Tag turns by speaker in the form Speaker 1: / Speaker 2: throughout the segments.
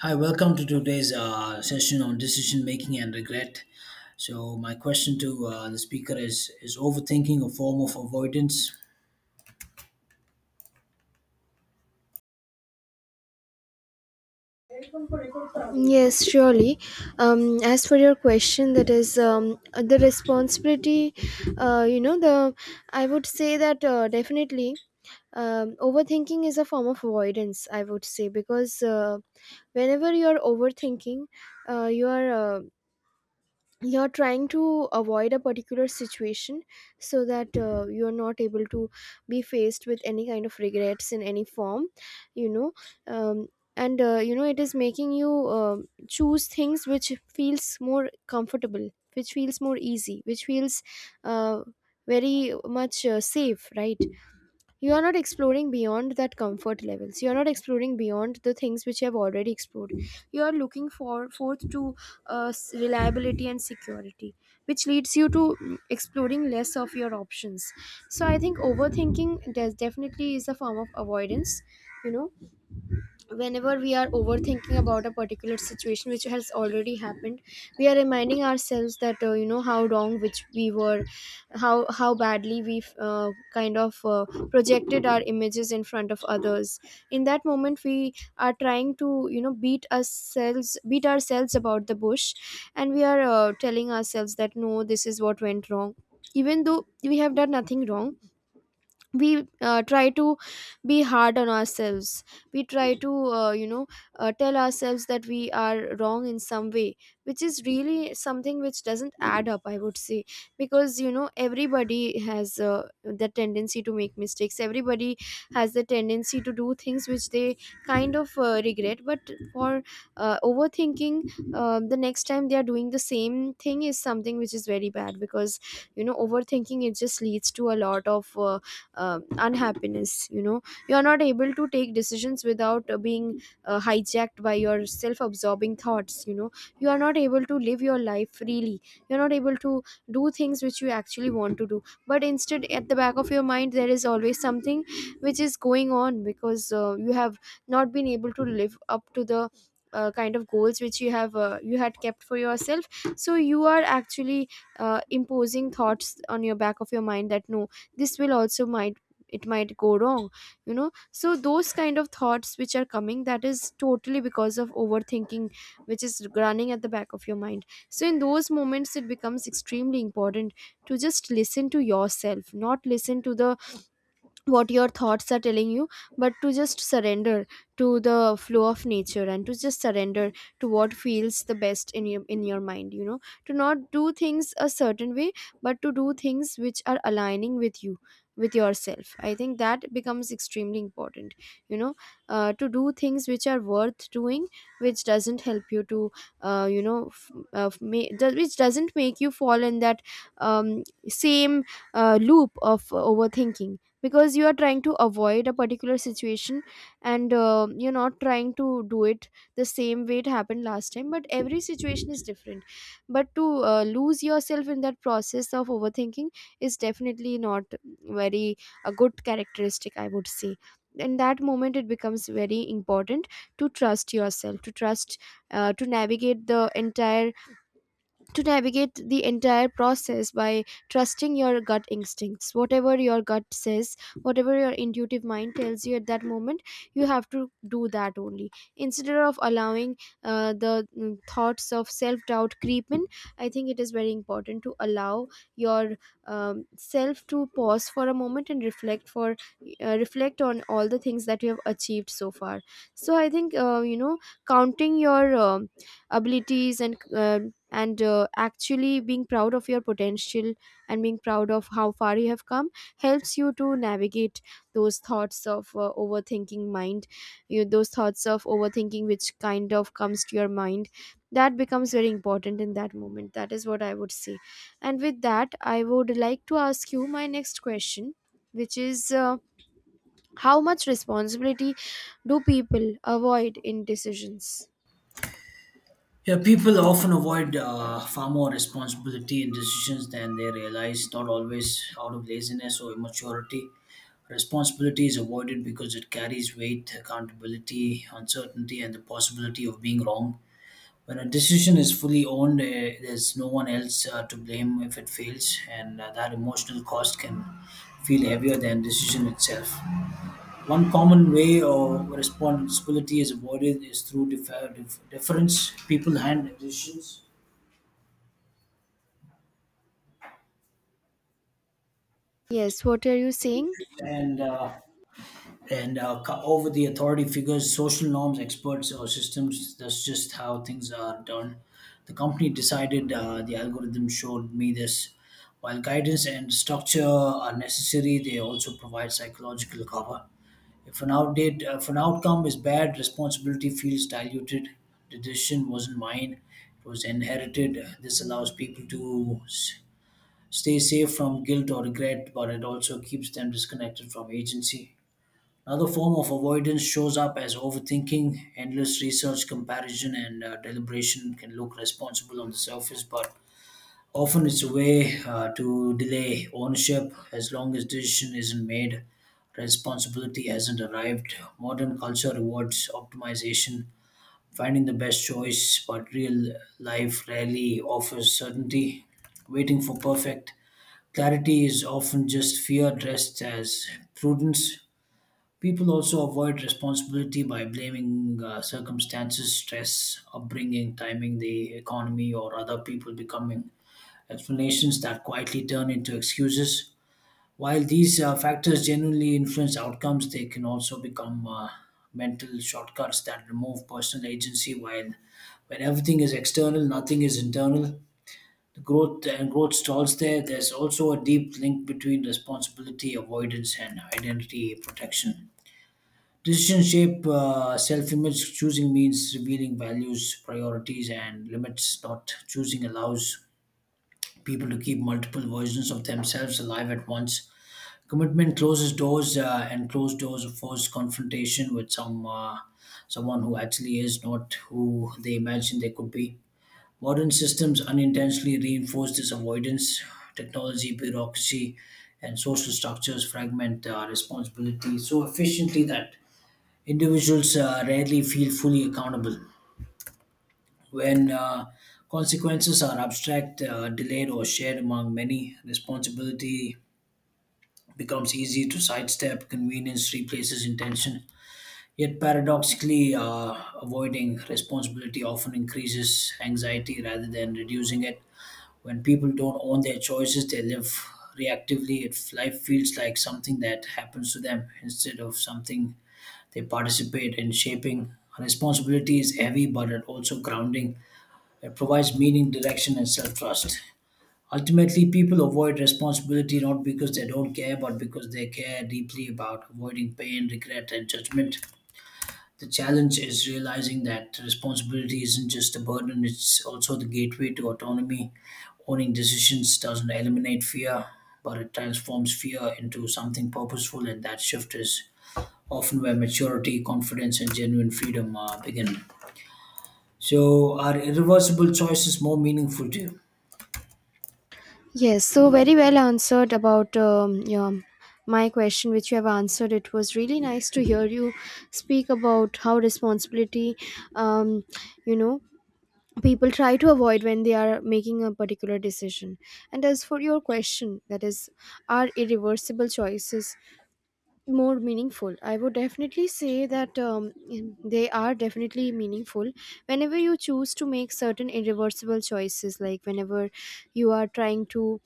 Speaker 1: Hi, welcome to today's session on decision making and regret. So, my question to the speaker is overthinking a form of avoidance?
Speaker 2: Yes, surely. As for your question, that is the responsibility. The I would say that definitely overthinking is a form of avoidance. I would say because whenever you are overthinking, you are you're trying to avoid a particular situation so that you're not able to be faced with any kind of regrets in any form you know um, and you know It is making you choose things which feels more comfortable, which feels more easy, which feels uh, very much safe, right? You are not exploring beyond that comfort levels, you are not exploring beyond the things which you have already explored. You are looking for forth to reliability and security, which leads you to exploring less of your options. So I think overthinking definitely is a form of avoidance. You know, whenever we are overthinking about a particular situation which has already happened, we are reminding ourselves that how wrong which we were, how badly we kind of projected our images in front of others. In that moment we are trying to, you know, beat ourselves, beat ourselves about the bush, and we are telling ourselves that no, this is what went wrong, even though we have done nothing wrong. We try to be hard on ourselves. We try to uh, you know tell ourselves that we are wrong in some way, which is really something which doesn't add up, I would say. Because, you know, everybody has the tendency to make mistakes, everybody has the tendency to do things which they kind of regret. But for overthinking, the next time they are doing the same thing is something which is very bad. Because, you know, overthinking, it just leads to a lot of unhappiness. You know, you are not able to take decisions without being hijacked by your self absorbing thoughts, you know. You are not able to live your life freely, you're not able to do things which you actually want to do, but instead at the back of your mind there is always something which is going on because you have not been able to live up to the kind of goals which you have you had kept for yourself. So you are actually imposing thoughts on your back of your mind that no, this will also might, it might go wrong, you know. So those kind of thoughts which are coming, that is totally because of overthinking which is running at the back of your mind. So in those moments it becomes extremely important to just listen to yourself, not listen to the what your thoughts are telling you, but to just surrender to the flow of nature, and to just surrender to what feels the best in your, in your mind, you know. To not do things a certain way but to do things which are aligning with you, with yourself, I think that becomes extremely important, you know. To do things which are worth doing, which doesn't help you to which doesn't make you fall in that um, same loop of overthinking because you are trying to avoid a particular situation, and you're not trying to do it the same way it happened last time, but every situation is different. But to lose yourself in that process of overthinking is definitely not very a good characteristic, I would say. In that moment it becomes very important to trust yourself, to trust to navigate the entire process by trusting your gut instincts, whatever your gut says, whatever your intuitive mind tells you at that moment, you have to do that only, instead of allowing the thoughts of self doubt creep in. I think it is very important to allow your self to pause for a moment and reflect for reflect on all the things that you have achieved so far. So I think counting your abilities and uh, actually being proud of your potential and being proud of how far you have come helps you to navigate those thoughts of overthinking mind, you those thoughts of overthinking which kind of comes to your mind. That becomes very important in that moment. That is what I would say. And with that I would like to ask you my next question, which is how much responsibility do people avoid in decisions?
Speaker 1: Yeah, people often avoid far more responsibility in decisions than they realize, not always out of laziness or immaturity. Responsibility is avoided because it carries weight, accountability, uncertainty, and the possibility of being wrong. When a decision is fully owned, there's no one else to blame if it fails, and that emotional cost can feel heavier than decision itself. One common way or responsibility is avoided is through deference. People hand decisions
Speaker 2: Yes, what are you saying?
Speaker 1: and uh, over the authority figures, social norms, experts, or systems. That's just how things are done. The company decided, the algorithm showed me this. While guidance and structure are necessary, they also provide psychological cover. If an outcome is bad, responsibility feels diluted. The decision wasn't mine; it was inherited. This allows people to s- stay safe from guilt or regret, but it also keeps them disconnected from agency. Another form of avoidance shows up as overthinking. Endless research, comparison, and deliberation can look responsible on the surface, but often it's a way to delay ownership. As long as decision isn't made, responsibility hasn't arrived. Modern culture rewards optimization, finding the best choice, but real life rarely offers certainty. Waiting for perfect clarity is often just fear dressed as prudence. People also avoid responsibility by blaming circumstances, stress, upbringing, timing, the economy, or other people, becoming explanations that quietly turn into excuses. While these factors genuinely influence outcomes, they can also become mental shortcuts that remove personal agency. While when everything is external, nothing is internal. The growth stalls there. There's also a deep link between responsibility avoidance and identity protection. Decisions shape self image. Choosing means revealing values, priorities, and limits. Not choosing allows people to keep multiple versions of themselves alive at once. Commitment closes doors, and closed doors force confrontation with someone who actually is not who they imagine they could be. Modern systems unintentionally reinforce this avoidance. Technology, bureaucracy, and social structures fragment responsibility so efficiently that individuals rarely feel fully accountable. When consequences are abstract, delayed, or shared among many, responsibility becomes easy to sidestep, convenience replaces intention. Yet, paradoxically, avoiding responsibility often increases anxiety rather than reducing it. When people don't own their choices, they live reactively. If life feels like something that happens to them instead of something they participate in shaping. Responsibility is heavy, but it also grounding. It provides meaning, direction, and self trust. Ultimately, people avoid responsibility not because they don't care, but because they care deeply about avoiding pain, regret, and judgment. The challenge is realizing that responsibility isn't just a burden, it's also the gateway to autonomy. Owning decisions doesn't eliminate fear, but it transforms fear into something purposeful, and that shift is often where maturity, confidence, and genuine freedom begin. So, are irreversible choices more meaningful to you?
Speaker 2: Yes, so very well answered about yeah, my question, which you have answered. It was really nice to hear you speak about how responsibility, um, you know, people try to avoid when they are making a particular decision. And as for your question, that is, are irreversible choices more meaningful? I would definitely say that they are definitely meaningful whenever you choose to make certain irreversible choices, like whenever you are trying to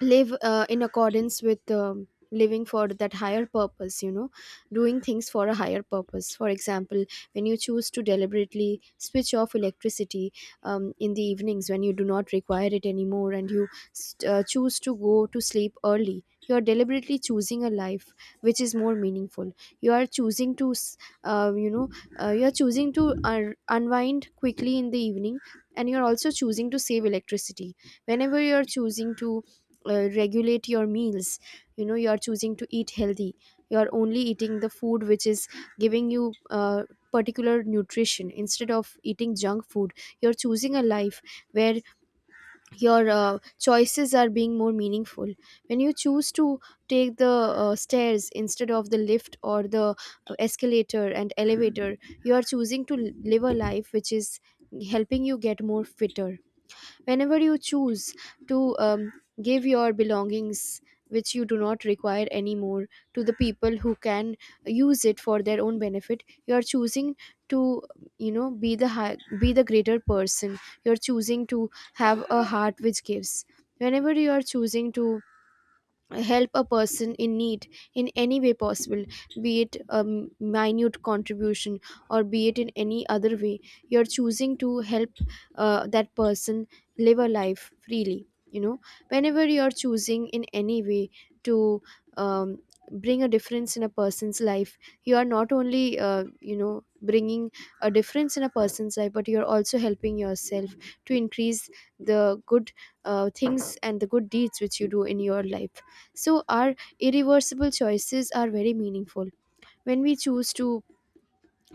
Speaker 2: live in accordance with living for that higher purpose, you know, doing things for a higher purpose. For example, when you choose to deliberately switch off electricity in the evenings when you do not require it anymore, and you choose to go to sleep early, you are deliberately choosing a life which is more meaningful. You are choosing to uh, you know you are choosing to unwind quickly in the evening, and you are also choosing to save electricity. Whenever you are choosing to regulate your meals, you know, you are choosing to eat healthy, you are only eating the food which is giving you particular nutrition instead of eating junk food, you're choosing a life where your choices are being more meaningful. When you choose to take the stairs instead of the lift or the escalator and elevator, you are choosing to live a life which is helping you get more fitter. Whenever you choose to give your belongings which you do not require anymore to the people who can use it for their own benefit, you are choosing to, you know, be the greater person. You're choosing to have a heart which gives. Whenever you are choosing to help a person in need in any way possible, be it a minute contribution or be it in any other way, you're choosing to help that person live a life freely, you know. Whenever you're choosing in any way to um, bring a difference in a person's life, you are not only, you know, bringing a difference in a person's life, but you're also helping yourself to increase the good things and the good deeds which you do in your life. So, our irreversible choices are very meaningful. When we choose to,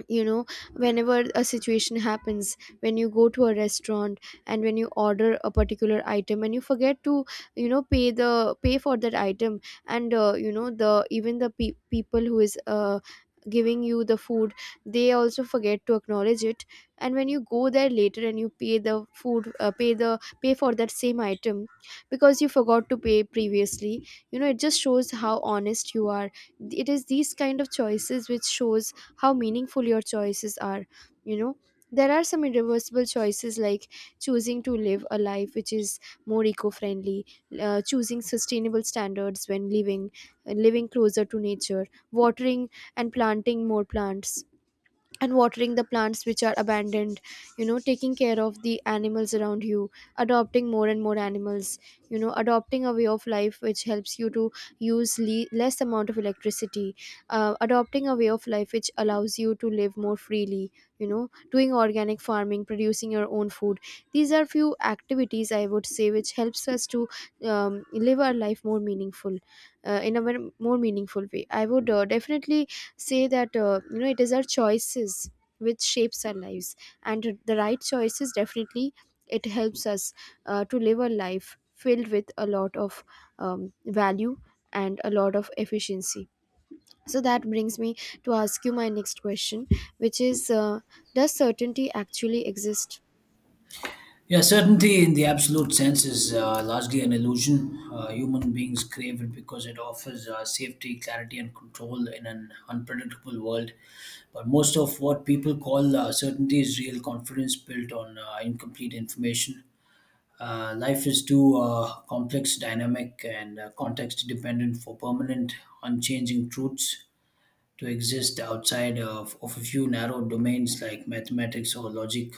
Speaker 2: you know, whenever a situation happens, when you go to a restaurant and when you order a particular item and you forget to, you know, pay for that item, and the even the people who is giving you the food, they also forget to acknowledge it, and when you go there later and you pay the pay for that same item because you forgot to pay previously, you know, it just shows how honest you are. It is these kind of choices which shows how meaningful your choices are, you know. There are some irreversible choices like choosing to live a life which is more eco-friendly, choosing sustainable standards when living, living closer to nature, watering and planting more plants, and watering the plants which are abandoned, you know, taking care of the animals around you, adopting more and more animals, you know, adopting a way of life which helps you to use less amount of electricity, adopting a way of life which allows you to live more freely, you know, doing organic farming, producing your own food. These are few activities I would say which helps us to live our life more meaningful, more meaningful way. I would definitely say that it is our choices which shapes our lives, and the right choices definitely, it helps us to live a life filled with a lot of value and a lot of efficiency. So that brings me to ask you my next question, which is does certainty actually exist?
Speaker 1: Yeah, certainty in the absolute sense is largely an illusion. Human beings crave it because it offers safety, clarity, and control in an unpredictable world. But most of what people call certainty is real confidence built on incomplete information. Life is too complex, dynamic, and context dependent for permanent, unchanging truths to exist outside of a few narrow domains like mathematics or logic.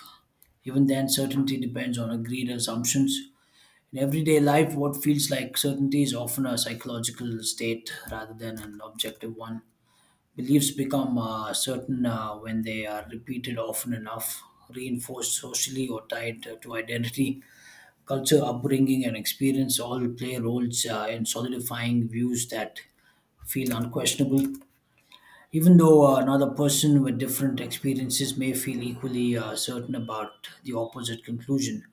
Speaker 1: Even then, certainty depends on agreed assumptions. In everyday life, what feels like certainty is often a psychological state rather than an objective one. Beliefs become certain when they are repeated often enough, reinforced socially, or tied to identity. Culture, upbringing, and experience all play roles in solidifying views that feel unquestionable. Even though another person with different experiences may feel equally certain about the opposite conclusion,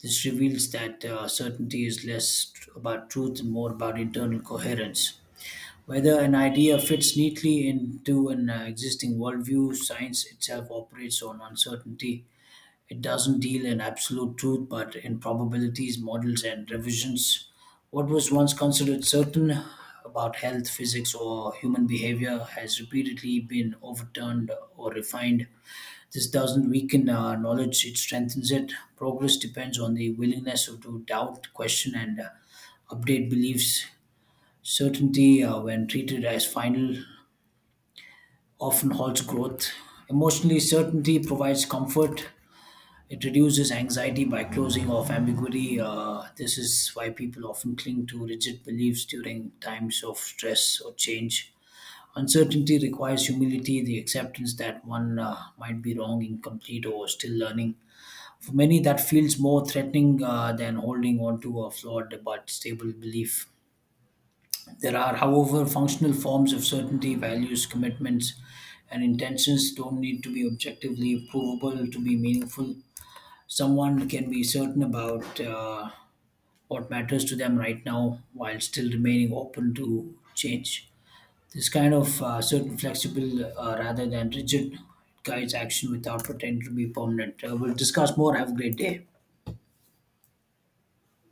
Speaker 1: this reveals that certainty is less about truth and more about internal coherence. Whether an idea fits neatly into an existing worldview, science itself operates on uncertainty. It doesn't deal in absolute truth, but in probabilities, models, and revisions. What was once considered certain about health, physics, or human behavior has repeatedly been overturned or refined. This doesn't weaken knowledge, it strengthens it. Progress depends on the willingness to doubt, question, and update beliefs. Certainty, when treated as final, often halts growth. Emotionally, certainty provides comfort. It reduces anxiety by closing off ambiguity. This is why people often cling to rigid beliefs during times of stress or change. Uncertainty requires humility, the acceptance that one might be wrong, incomplete, or still learning. For many, that feels more threatening than holding on to a flawed but stable belief. There are, however, functional forms of certainty. Values, commitments, and intentions don't need to be objectively provable to be meaningful. Someone can be certain about what matters to them right now while still remaining open to change. This kind of certain flexible rather than rigid guides action without pretending to be permanent. We'll discuss more. Have a great day.